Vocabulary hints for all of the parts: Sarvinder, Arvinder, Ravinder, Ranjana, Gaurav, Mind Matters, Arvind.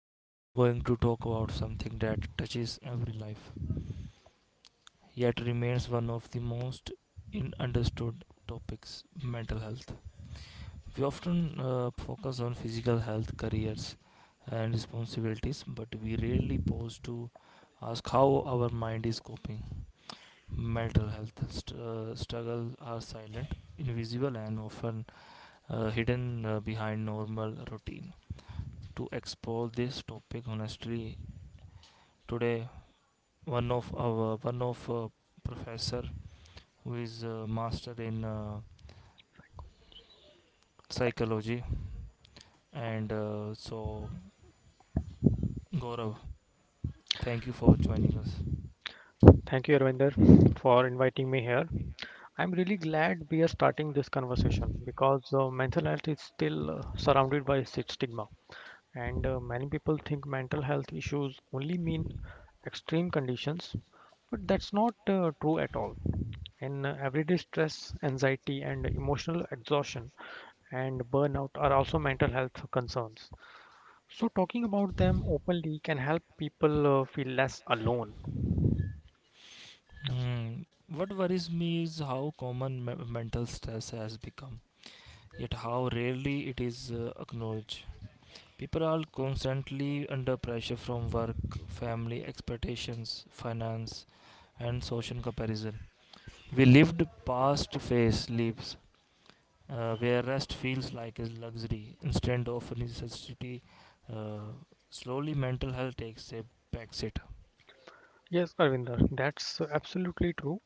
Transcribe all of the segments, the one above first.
Today we are going to talk about something that touches every life, yet remains one of the most in understood topics mental health. We often focus on physical health, careers, and responsibilities, but we rarely pause to ask how our mind is coping. Mental health struggles are silent, invisible, and often hidden behind normal routine. To explore this topic honestly. Today, one of our one of professor who is a master in psychology, and so Gaurav, thank you for joining us. Thank you, Arvinder, for inviting me here. I'm really glad we are starting this conversation because mental health is still surrounded by stigma, and many people think mental health issues only mean extreme conditions, but that's not true at all. In everyday stress, anxiety, and emotional exhaustion and burnout are also mental health concerns. So, talking about them openly can help people feel less alone. Hmm. What worries me is how common mental stress has become, yet how rarely it is acknowledged. People are constantly under pressure from work, family expectations, finance, and social comparison. We lived past phase lives where rest feels like a luxury instead of a necessity. Uh, slowly, mental health takes a backseat. Yes, Arvinder, that's absolutely true.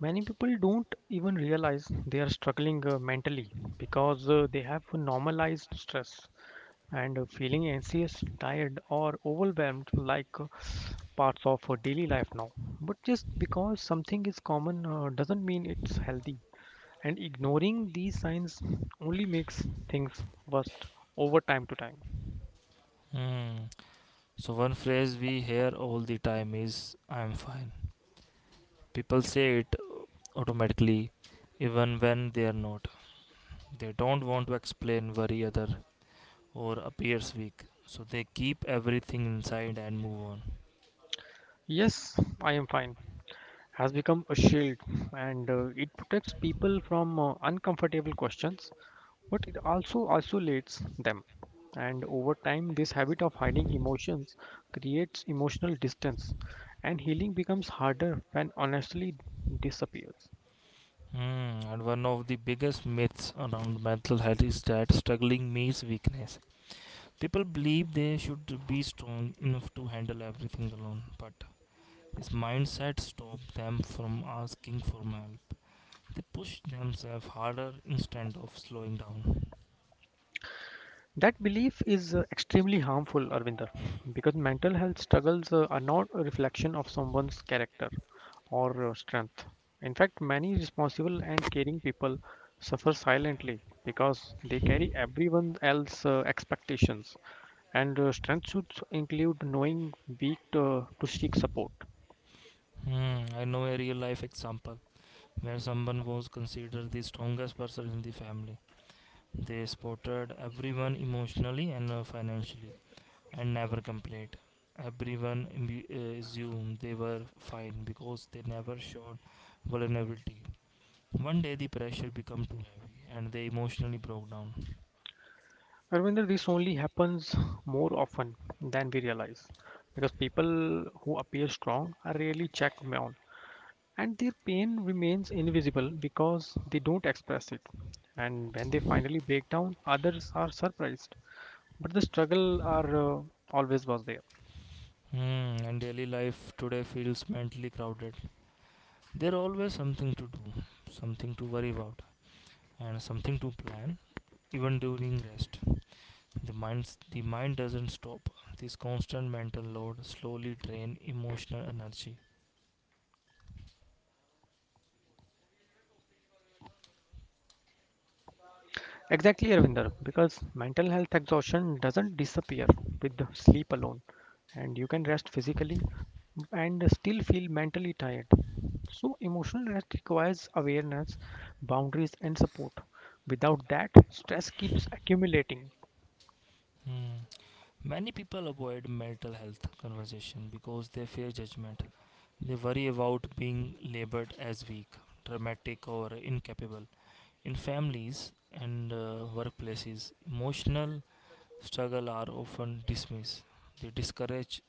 Many people don't even realize they are struggling mentally because they have normalized stress and feeling anxious, tired, or overwhelmed like parts of daily life now. But just because something is common doesn't mean it's healthy, and ignoring these signs only makes things worse over time to time. Mm. So, one phrase we hear all the time is I am fine. People say it automatically, even when they are not. They don't want to explain, worry other, or appears weak. So, they keep everything inside and move on. Yes, I am fine has become a shield, and it protects people from uncomfortable questions, but it also isolates them, and over time this habit of hiding emotions creates emotional distance, and healing becomes harder when honestly disappears. Mm, and one of the biggest myths around mental health is that struggling means weakness. People believe they should be strong enough to handle everything alone, but this mindset stops them from asking for help. They push themselves harder instead of slowing down. That belief is extremely harmful, Arvinder, because mental health struggles are not a reflection of someone's character or strength. In fact, many responsible and caring people suffer silently because they carry everyone else's expectations. And strength should include knowing weak to seek support. Hmm, I know a real life example where someone was considered the strongest person in the family. They supported everyone emotionally and financially, and never complained. Everyone assumed they were fine because they never showed vulnerability. One day the pressure became too heavy and they emotionally broke down. Arvinder, this only happens more often than we realize because people who appear strong are rarely checked on, and their pain remains invisible because they don't express it. And when they finally break down, others are surprised. But the struggle are always was there. Hmm, and daily life today feels mentally crowded. There's always something to do, something to worry about, and something to plan, even during rest. The mind doesn't stop. This constant mental load slowly drains emotional energy. Exactly, Ravinder, because mental health exhaustion doesn't disappear with the sleep alone. And you can rest physically and still feel mentally tired. So, emotional rest requires awareness, boundaries, and support. Without that, stress keeps accumulating. Hmm. Many people avoid mental health conversation because they fear judgment. They worry about being labeled as weak, dramatic, or incapable. In families and workplaces, emotional struggle are often dismissed. They discourage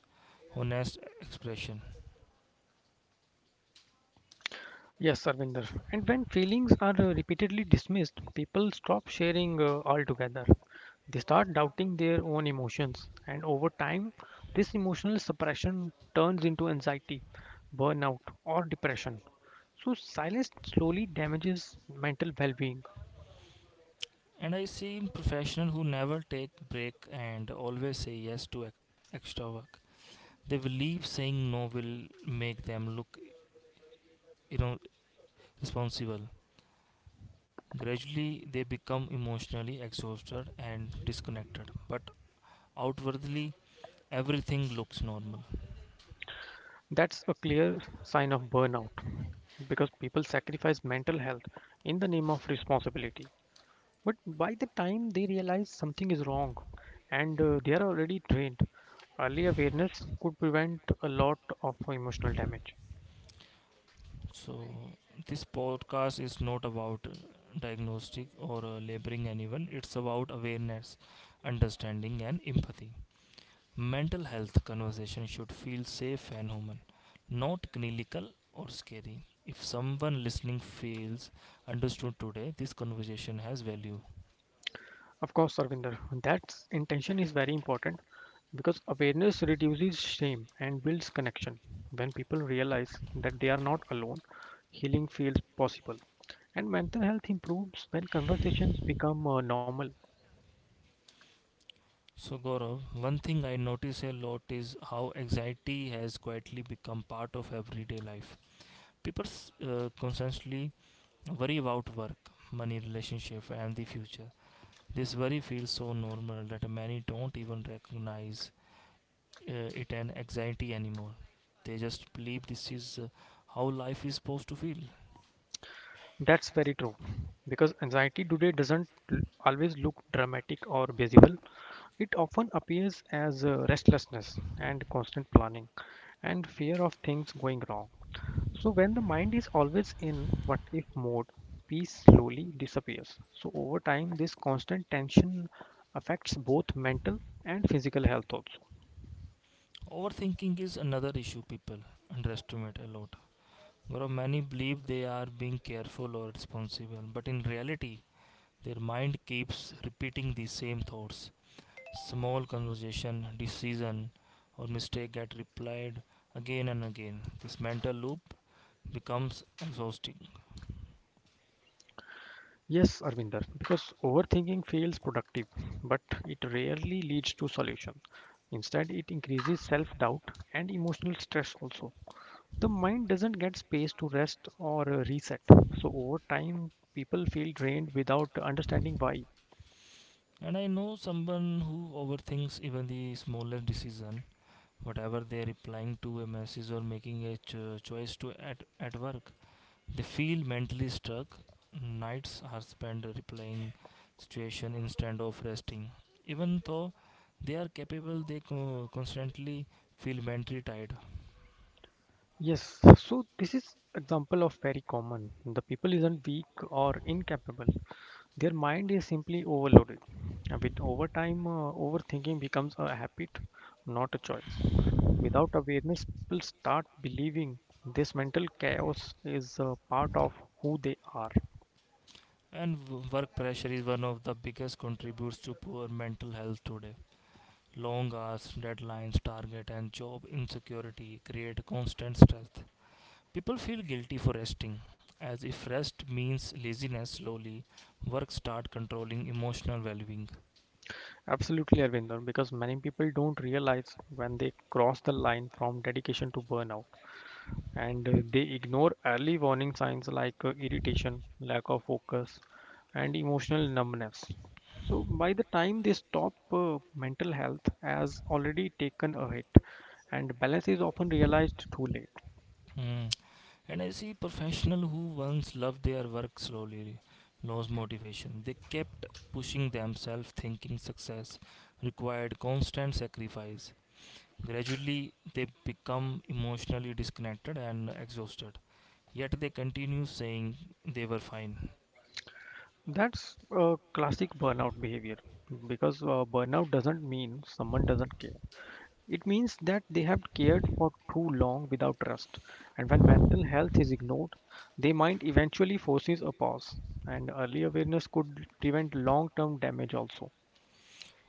honest expression. Yes, Sarvinder. And when feelings are repeatedly dismissed, people stop sharing altogether. They start doubting their own emotions, and over time, this emotional suppression turns into anxiety, burnout, or depression. So, silence slowly damages mental well being. And I see professionals who never take break and always say yes to extra work. They believe saying no will make them look you know, responsible. Gradually, they become emotionally exhausted and disconnected, but outwardly, everything looks normal. That's a clear sign of burnout because people sacrifice mental health in the name of responsibility. But by the time they realize something is wrong and they are already trained, early awareness could prevent a lot of emotional damage. So, this podcast is not about diagnostic or labeling anyone, it's about awareness, understanding, and empathy. Mental health conversation should feel safe and human, not clinical or scary. If someone listening feels understood today, this conversation has value. Of course, Arvinder, that intention is very important because awareness reduces shame and builds connection. When people realize that they are not alone, healing feels possible. And mental health improves when conversations become normal. So, Gaurav, one thing I notice a lot is how anxiety has quietly become part of everyday life. People constantly worry about work, money, relationship, and the future. This worry feels so normal that many don't even recognize it an anxiety anymore. They just believe this is how life is supposed to feel. That's very true because anxiety today doesn't always look dramatic or visible. It often appears as restlessness and constant planning and fear of things going wrong. So, when the mind is always in what if mode, peace slowly disappears. So, over time, this constant tension affects both mental and physical health also. Overthinking is another issue people underestimate a lot. Gaurav, many believe they are being careful or responsible, but in reality, their mind keeps repeating the same thoughts. Small conversation, decision, or mistake get replied again and again. This mental loop becomes exhausting. Yes, Arvinder, because overthinking feels productive, but it rarely leads to solution. Instead, it increases self-doubt and emotional stress also. The mind doesn't get space to rest or reset. So over time, people feel drained without understanding why. And I know someone who overthinks even the smallest decision, whatever they are replying to a message or making a choice at work. They feel mentally stuck. Nights are spent replaying situation instead of resting. Even though they are capable, they constantly feel mentally tired. Yes, so this is example of very common. The people isn't weak or incapable. Their mind is simply overloaded. And with overtime, overthinking becomes a habit, not a choice. Without awareness, people start believing this mental chaos is a part of who they are. And work pressure is one of the biggest contributors to poor mental health today. Long hours, deadlines, target, and job insecurity create constant stress. People feel guilty for resting, as if rest means laziness. Slowly, work start controlling emotional well-being. Absolutely, Arvinder, because many people don't realize when they cross the line from dedication to burnout, and they ignore early warning signs like irritation, lack of focus, and emotional numbness. So, by the time they stop, mental health has already taken a hit, and balance is often realized too late. Hmm. And I see professional who once loved their work slowly lost motivation. They kept pushing themselves, thinking success required constant sacrifice. Gradually, they become emotionally disconnected and exhausted. Yet they continue saying they were fine. That's a classic burnout behavior because burnout doesn't mean someone doesn't care. It means that they have cared for too long without rest. And when mental health is ignored, they might eventually forces a pause. And early awareness could prevent long term damage also.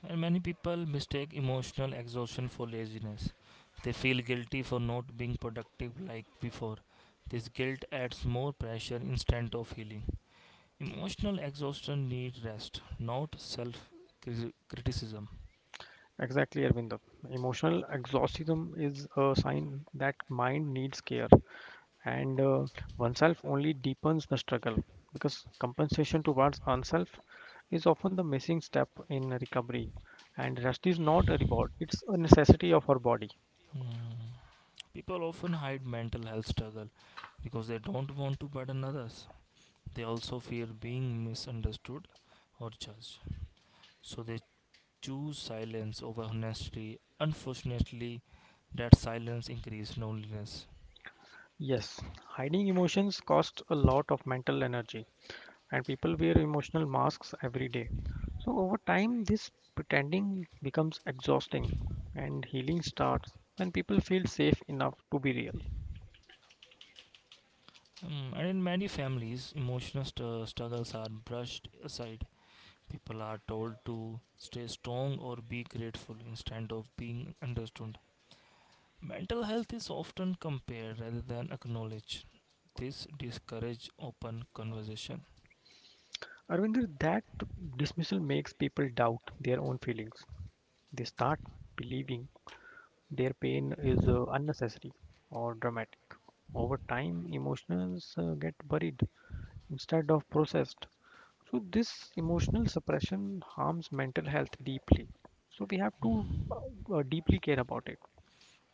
And many people mistake emotional exhaustion for laziness. They feel guilty for not being productive like before. This guilt adds more pressure instead of healing. Emotional exhaustion needs rest, not self criticism. Exactly, Arvind. Emotional exhaustion is a sign that mind needs care, and oneself only deepens the struggle because compensation towards oneself is often the missing step in recovery, and rest is not a reward, it's a necessity of our body. Hmm. People often hide mental health struggle because they don't want to burden others. They also fear being misunderstood or judged. So they choose silence over honesty. Unfortunately, that silence increases loneliness. Yes, hiding emotions cost a lot of mental energy, and people wear emotional masks every day. So over time this pretending becomes exhausting, and healing starts when people feel safe enough to be real. Mm, and in many families, emotional struggles are brushed aside. People are told to stay strong or be grateful instead of being understood. Mental health is often compared rather than acknowledged. This discourages open conversation. Arvinder, that dismissal makes people doubt their own feelings. They start believing their pain is unnecessary or dramatic. Over time, emotions get buried instead of processed. So, this emotional suppression harms mental health deeply. So, we have to deeply care about it.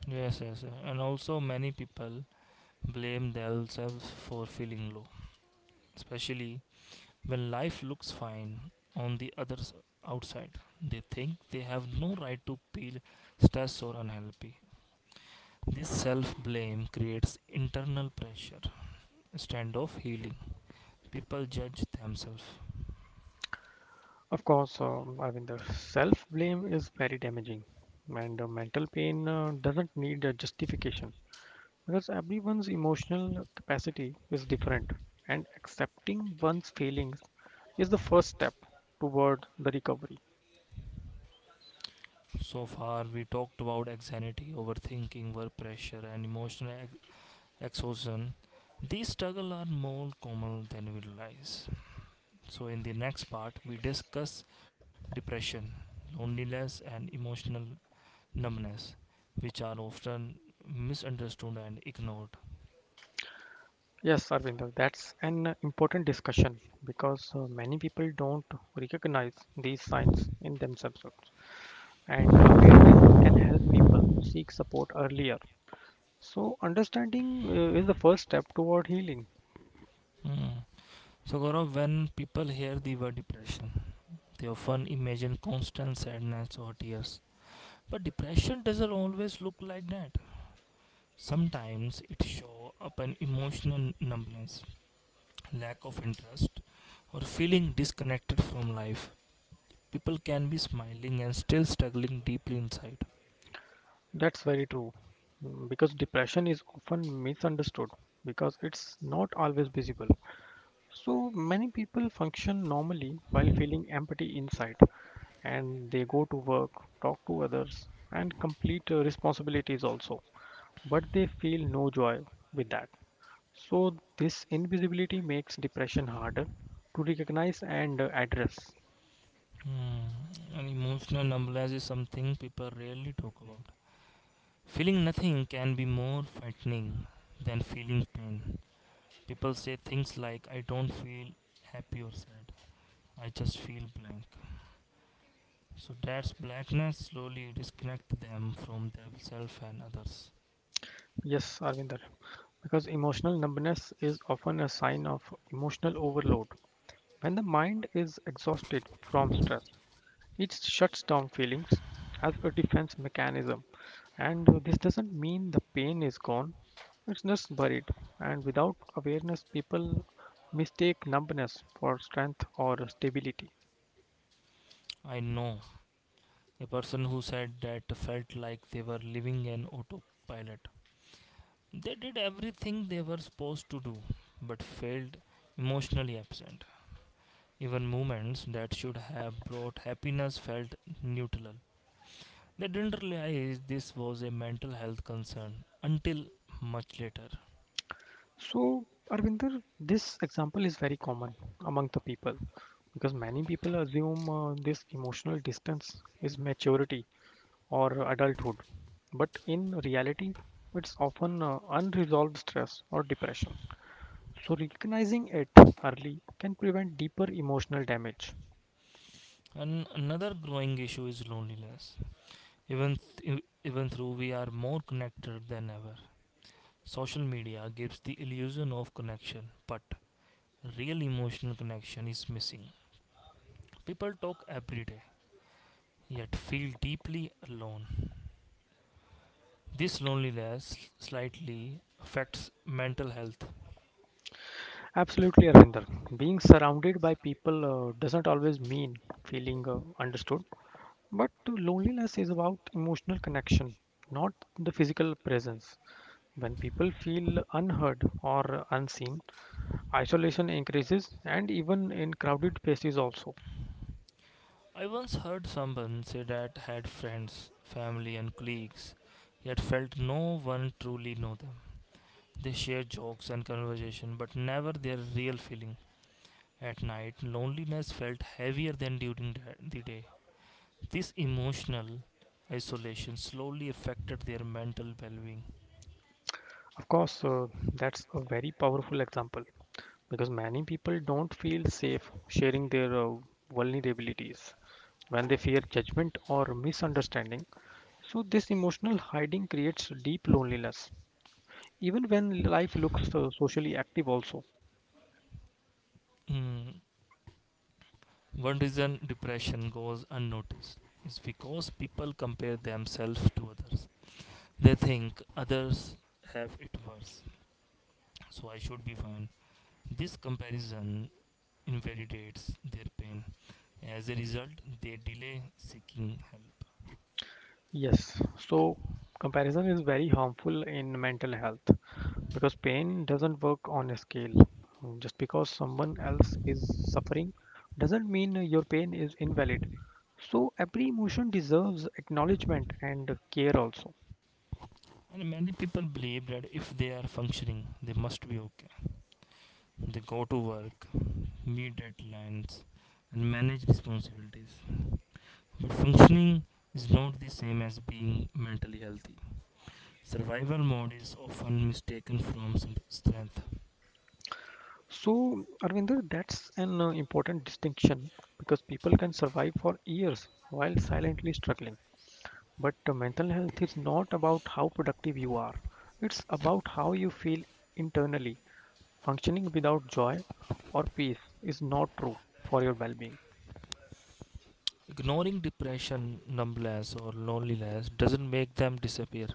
Yes, yes, yes, and also many people blame themselves for feeling low, especially when life looks fine on the outside. They think they have no right to feel stressed or unhappy. This self-blame creates internal pressure instead of healing. People judge themselves. Of course, I mean, the self blame is very damaging, and mental pain doesn't need a justification. Because everyone's emotional capacity is different, and accepting one's feelings is the first step toward the recovery. So far, we talked about anxiety, overthinking, work pressure, and emotional exhaustion. These struggles are more common than we realize. So, in the next part, we discuss depression, loneliness, and emotional numbness, which are often misunderstood and ignored. Yes, Arvinder, that's an important discussion because many people don't recognize these signs in themselves, and awareness can help people seek support earlier. So, understanding is the first step toward healing. Hmm. So, Gaurav, when people hear the word depression, they often imagine constant sadness or tears. But depression doesn't always look like that. Sometimes it shows up an emotional numbness, lack of interest, or feeling disconnected from life. People can be smiling and still struggling deeply inside. That's very true, because depression is often misunderstood because it's not always visible. So many people function normally while feeling empty inside, and they go to work, talk to others, and complete responsibilities also. But they feel no joy with that. So this invisibility makes depression harder to recognize and address. Hmm. An emotional numbness is something people rarely talk about. Feeling nothing can be more frightening than feeling pain. People say things like, I don't feel happy or sad. I just feel blank. So that blackness slowly disconnects them from themselves and others. Yes, Arvinder, because emotional numbness is often a sign of emotional overload. When the mind is exhausted from stress, it shuts down feelings as a defense mechanism, and this doesn't mean the pain is gone, it's just buried. And without awareness, people mistake numbness for strength or stability. I know a person who said that felt like they were living an autopilot. They did everything they were supposed to do, but failed emotionally absent. Even moments that should have brought happiness felt neutral. They didn't realize this was a mental health concern until much later. So, Arvinder, this example is very common among the people because many people assume this emotional distance is maturity or adulthood, but in reality, it's often unresolved stress or depression. So recognizing it early can prevent deeper emotional damage. And another growing issue is loneliness. Even though we are more connected than ever, social media gives the illusion of connection, but real emotional connection is missing. People talk every day, yet feel deeply alone. This loneliness slightly affects mental health. Absolutely, Arvinder. Being surrounded by people doesn't always mean feeling understood, but loneliness is about emotional connection, not the physical presence. When people feel unheard or unseen, isolation increases and even in crowded places also. I once heard someone say that had friends, family, and colleagues, yet felt no one truly know them. They share jokes and conversation, but never their real feeling. At night, loneliness felt heavier than during the day. This emotional isolation slowly affected their mental well being. Of course, that's a very powerful example, because many people don't feel safe sharing their vulnerabilities when they fear judgment or misunderstanding. So, this emotional hiding creates deep loneliness, even when life looks socially active, also. Mm, one reason depression goes unnoticed is because people compare themselves to others. They think others have it worse, so I should be fine. This comparison invalidates their pain. As a result, they delay seeking help. Yes, so comparison is very harmful in mental health because pain doesn't work on a scale. Mm, just because someone else is suffering doesn't mean your pain is invalid. So every emotion deserves acknowledgement and care also. And many people believe that if they are functioning, they must be okay. They go to work, meet deadlines, and manage responsibilities. But functioning is not the same as being mentally healthy. Survival mode is often mistaken from some strength. So, Arvinder, that's an important distinction because people can survive for years while silently struggling. But mental health is not about how productive you are, it's about how you feel internally. Functioning without joy or peace is not true for your well being. Ignoring depression, numbness, or loneliness doesn't make them disappear.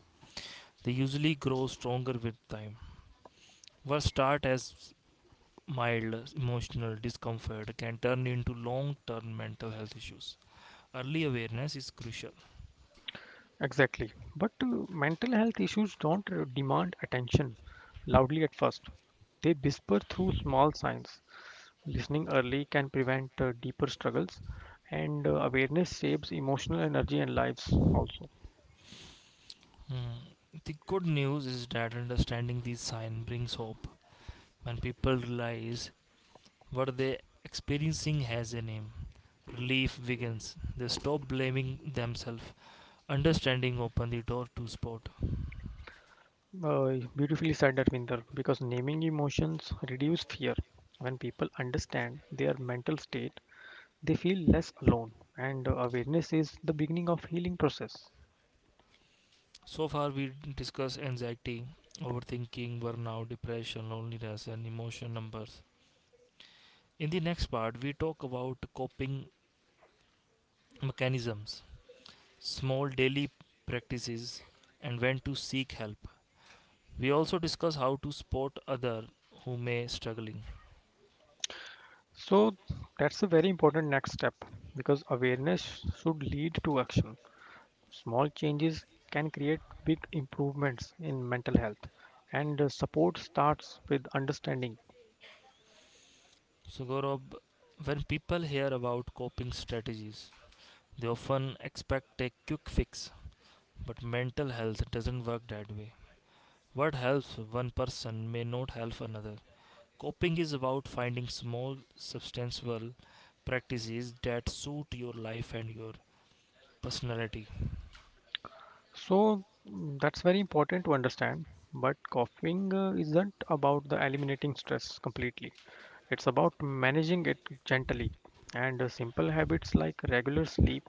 They usually grow stronger with time. What starts as mild emotional discomfort can turn into long-term mental health issues. Early awareness is crucial. Exactly. But mental health issues don't demand attention loudly at first, they whisper through small signs. Listening early can prevent deeper struggles, and awareness saves emotional energy and lives also. Hmm. The good news is that understanding these signs brings hope. When people realize what they are experiencing has a name, relief begins. They stop blaming themselves. Understanding opens the door to support. Beautifully said, Arvinder, because naming emotions reduce fear. When people understand their mental state, they feel less alone, and awareness is the beginning of healing process. So far, we discussed anxiety, overthinking, burnout, depression, loneliness, and emotion numbers. In the next part, we talk about coping mechanisms, small daily practices, and when to seek help. We also discuss how to support other who may struggling. So that's a very important next step because awareness should lead to action. Small changes can create big improvements in mental health, and support starts with understanding. So Gaurav, when people hear about coping strategies, they often expect a quick fix. But mental health doesn't work that way. What helps one person may not help another. Coping is about finding small, substantial practices that suit your life and your personality. So, that's very important to understand. But coughing isn't about the eliminating stress completely. It's about managing it gently. And simple habits like regular sleep,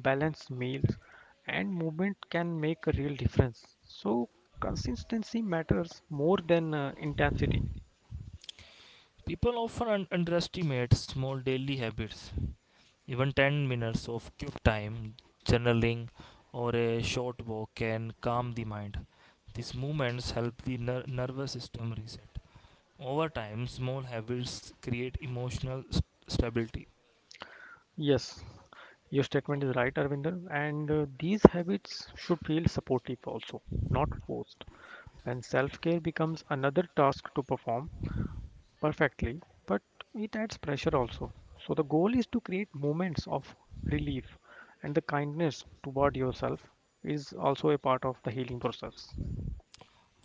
balanced meals, and movement can make a real difference. So consistency matters more than intensity. People often underestimate small daily habits. Even 10 minutes of quick time, journaling, or a short walk can calm the mind. These movements help the nervous system reset. Over time, small habits create emotional stability. Yes, your statement is right, Arvinder. And these habits should feel supportive also, not forced. When self care becomes another task to perform perfectly, but it adds pressure also. So, the goal is to create moments of relief, and the kindness toward yourself is also a part of the healing process.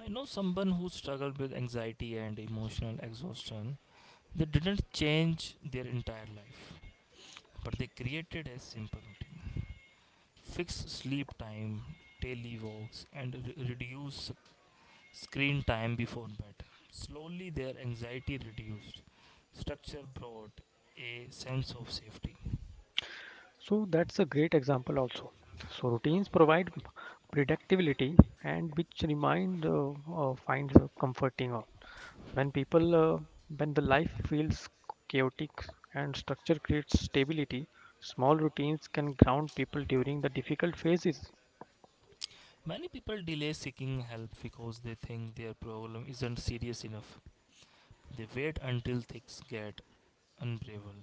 I know someone who struggled with anxiety and emotional exhaustion. They didn't change their entire life, but they created a simple routine fixed sleep time, daily walks, and reduce screen time before bed. Slowly, their anxiety reduced. Structure brought a sense of safety. So, that's a great example also. So, routines provide predictability, and which remind finds comforting. When people uh, when the life feels chaotic and structure creates stability, small routines can ground people during the difficult phases. Many people delay seeking help because they think their problem isn't serious enough. They wait until things get unbearable.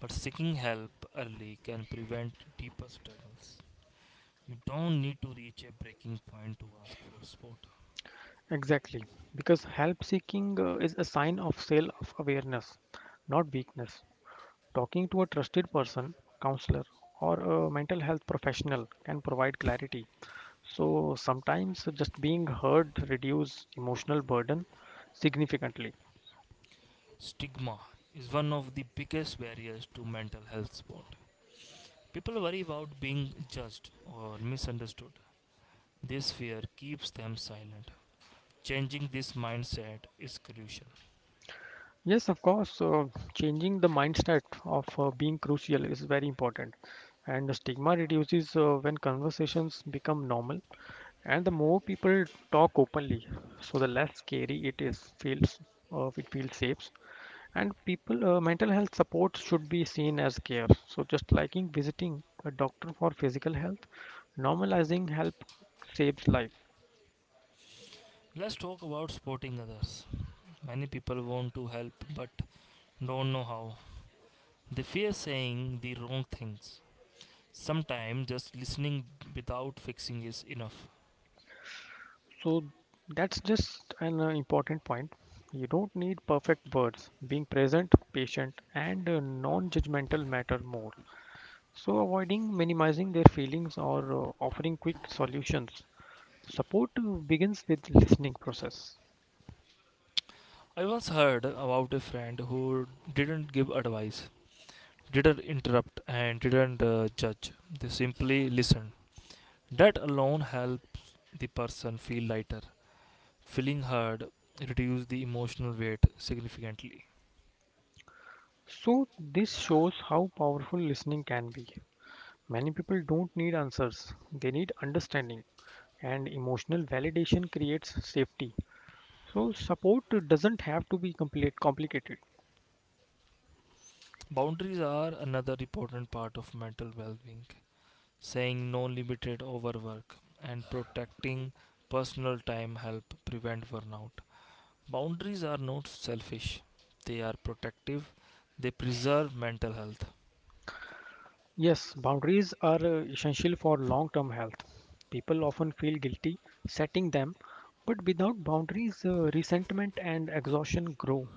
But seeking help early can prevent deeper struggles. You don't need to reach a breaking point to ask for support. Exactly, because help seeking is a sign of self awareness, not weakness. Talking to a trusted person, counselor, or a mental health professional can provide clarity, so sometimes just being heard reduce emotional burden significantly. Stigma is one of the biggest barriers to mental health support. People worry about being judged or misunderstood. This fear keeps them silent. Changing this mindset is crucial. Yes, of course. Changing the mindset of being crucial is very important, and the stigma reduces when conversations become normal, and the more people talk openly, so the less scary it is feels. It feels safe, and people mental health support should be seen as care. So just liking visiting a doctor for physical health, normalizing help saves life. Let's talk about supporting others. Many people want to help but don't know how. They fear saying the wrong things. Sometimes just listening without fixing is enough. So that's just an important point. You don't need perfect words. Being present, patient, and non judgmental matter more. So, avoiding minimizing their feelings or offering quick solutions. Support begins with listening process. I once heard about a friend who didn't give advice, didn't interrupt, and didn't judge. They simply listened. That alone helped the person feel lighter. Feeling heard reduced the emotional weight significantly. So, this shows how powerful listening can be. Many people don't need answers, they need understanding, and emotional validation creates safety. So, support doesn't have to be complete complicated. Boundaries are another important part of mental well being. Saying no limited overwork and protecting personal time help prevent burnout. Boundaries are not selfish, they are protective, they preserve mental health. Yes, boundaries are essential for long term health. People often feel guilty setting them, but without boundaries, resentment and exhaustion grow.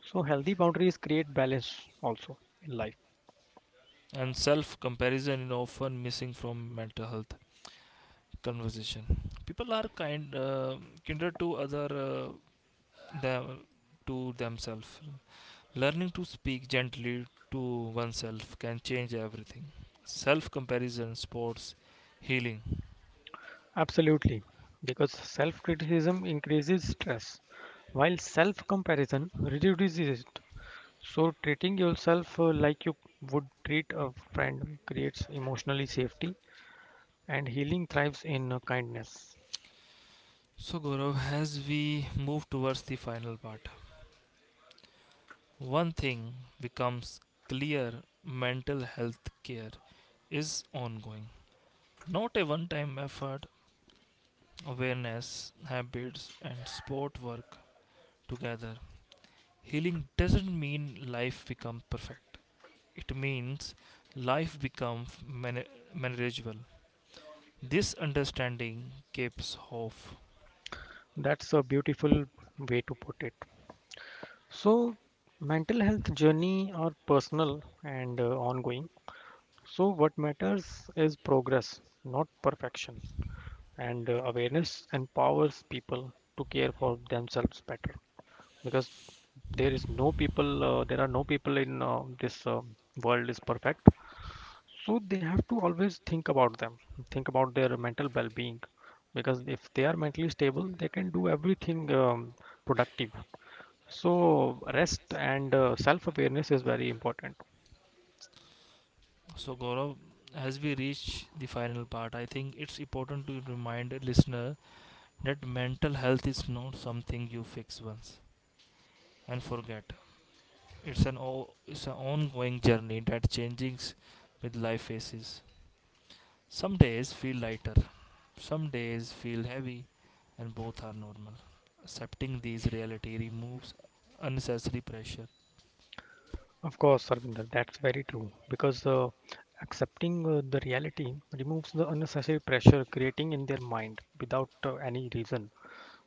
So, healthy boundaries create balance also in life. And self comparison is often missing from mental health conversation. People are kinder to other them, to themselves. Learning to speak gently to oneself can change everything. Self comparison sports healing. Absolutely, because self criticism increases stress, while self comparison reduces it. So, treating yourself like you would treat a friend creates emotionally safety, and healing thrives in kindness. So Gaurav, as we move towards the final part, one thing becomes clear mental health care is ongoing. Not a one time effort, awareness, habits, and sport work together. Healing doesn't mean life becomes perfect, it means life becomes manageable. This understanding keeps hope. That's a beautiful way to put it. So, mental health journey are personal and ongoing. So, what matters is progress, not perfection. And awareness empowers people to care for themselves better because there are no people in this world is perfect. So, they have to always think about them, think about their mental well being because if they are mentally stable, they can do everything productive, so rest and self-awareness is very important. So, Gaurav, as we reach the final part, I think it's important to remind a listener that mental health is not something you fix once and forget. It's it's an ongoing journey that changes with life phases. Some days feel lighter, some days feel heavy, and both are normal. Accepting these reality removes unnecessary pressure. Of course, Sarvinder, that's very true because accepting the reality removes the unnecessary pressure creating in their mind without any reason.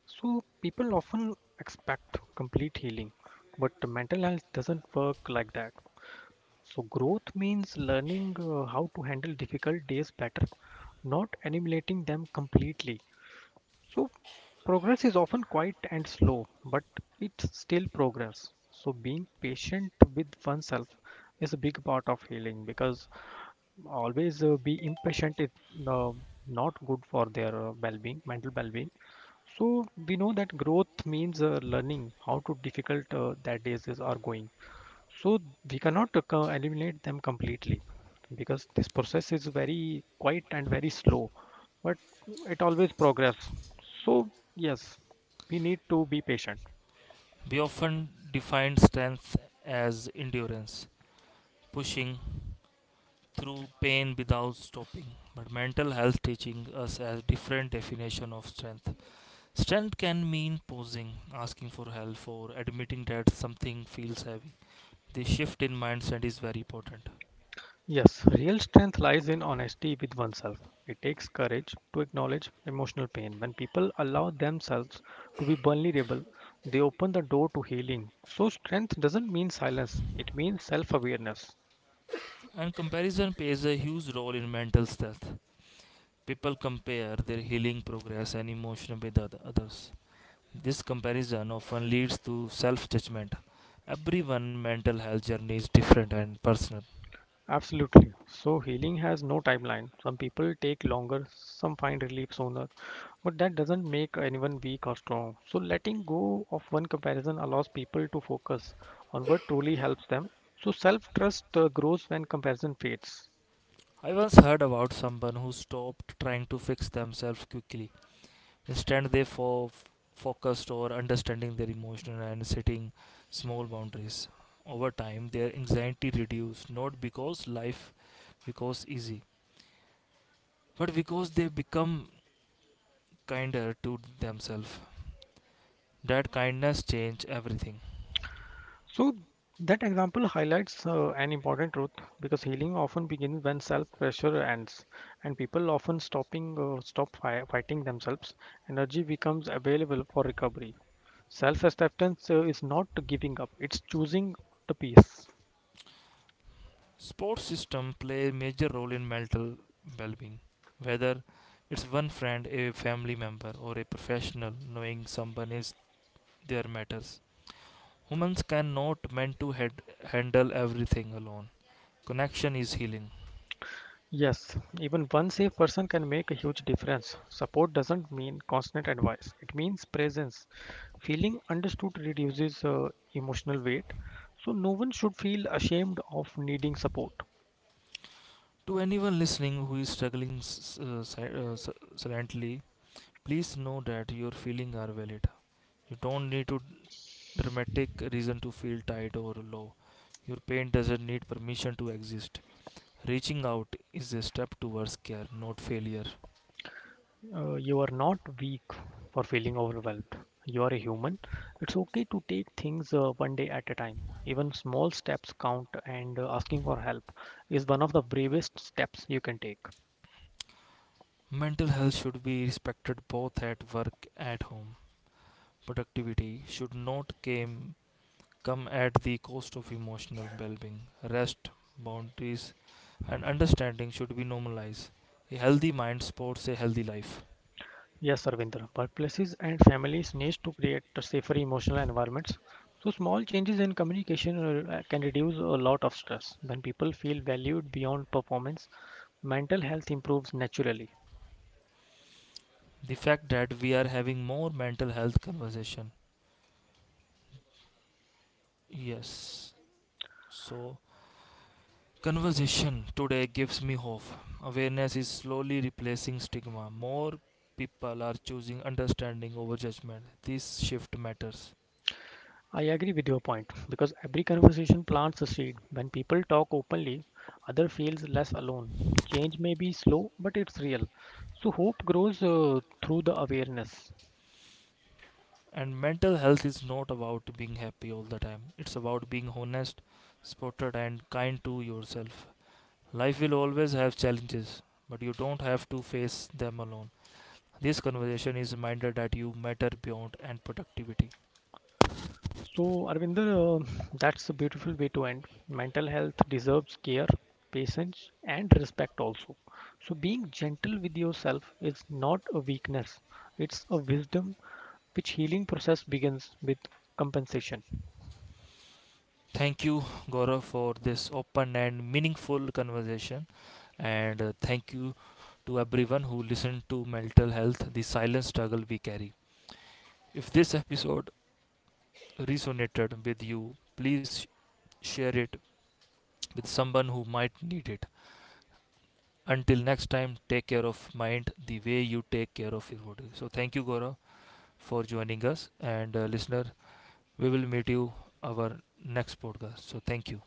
So people often expect complete healing, but mental health doesn't work like that. So growth means learning how to handle difficult days better, not eliminating them completely. So progress is often quiet and slow, but it's still progress. So being patient with oneself is a big part of healing because always be impatient is uh, not good for their well-being, mental well-being. So we know that growth means learning how to difficult that days is are going. So we cannot eliminate them completely because this process is very quiet and very slow, but it always progress. So yes, we need to be patient. We often define strength as endurance, pushing through pain without stopping. But mental health teaching us a different definition of strength. Strength can mean posing, asking for help, or admitting that something feels heavy. The shift in mindset is very important. Yes, real strength lies in honesty with oneself. It takes courage to acknowledge emotional pain. When people allow themselves to be vulnerable, they open the door to healing. So strength doesn't mean silence, it means self-awareness. And comparison plays a huge role in mental health. People compare their healing progress and emotion with other others. This comparison often leads to self judgment. Everyone's mental health journey is different and personal. Absolutely. So healing has no timeline. Some people take longer, some find relief sooner, but that doesn't make anyone weak or strong. So letting go of one comparison allows people to focus on what truly helps them. So self trust grows when comparison fades. I once heard about someone who stopped trying to fix themselves quickly. Instead, they focused on understanding their emotion and setting small boundaries. Over time, their anxiety reduced, not because life becomes easy, but because they become kinder to themselves. That kindness changed everything. So that example highlights an important truth because healing often begins when self pressure ends, and people often stop fighting themselves. Energy becomes available for recovery. Self acceptance is not giving up; it's choosing the peace. Sports system play a major role in mental well-being, whether it's one friend, a family member, or a professional. Knowing someone is there matters. Humans cannot meant to head, handle everything alone. Connection is healing. Yes, even one safe person can make a huge difference. Support doesn't mean constant advice; it means presence. Feeling understood reduces emotional weight, so no one should feel ashamed of needing support. To anyone listening who is struggling uh, si- uh, s- silently, please know that your feelings are valid. You don't need to dramatic reason to feel tired or low. Your pain doesn't need permission to exist. Reaching out is a step towards care, not failure. You are not weak for feeling overwhelmed. You are a human. It's okay to take things one day at a time. Even small steps count, and asking for help is one of the bravest steps you can take. Mental health should be respected both at work and home. Productivity should not come at the cost of emotional well being. Rest, boundaries, and understanding should be normalized. A healthy mind supports a healthy life. Yes, Arvinder. Workplaces and families need to create safer emotional environments. So small changes in communication can reduce a lot of stress. When people feel valued beyond performance, mental health improves naturally. The fact that we are having more mental health conversation. Yes. So, conversation today gives me hope. Awareness is slowly replacing stigma. More people are choosing understanding over judgment. This shift matters. I agree with your point because every conversation plants a seed. When people talk openly, other feels less alone. Change may be slow, but it's real. So hope grows through the awareness. And mental health is not about being happy all the time. It's about being honest, spotted, and kind to yourself. Life will always have challenges, but you don't have to face them alone. This conversation is a reminder that you matter beyond and productivity. So Arvinder, that's a beautiful way to end. Mental health deserves care, patience, and respect also. So being gentle with yourself is not a weakness; it's a wisdom which healing process begins with compensation. Thank you, Gaurav, for this open and meaningful conversation. And thank you to everyone who listened to mental health, the silent struggle we carry. If this episode resonated with you, please share it with someone who might need it. Until next time, take care of mind the way you take care of your body. So thank you, Gaurav, for joining us. And listener, we will meet you our next podcast. So thank you.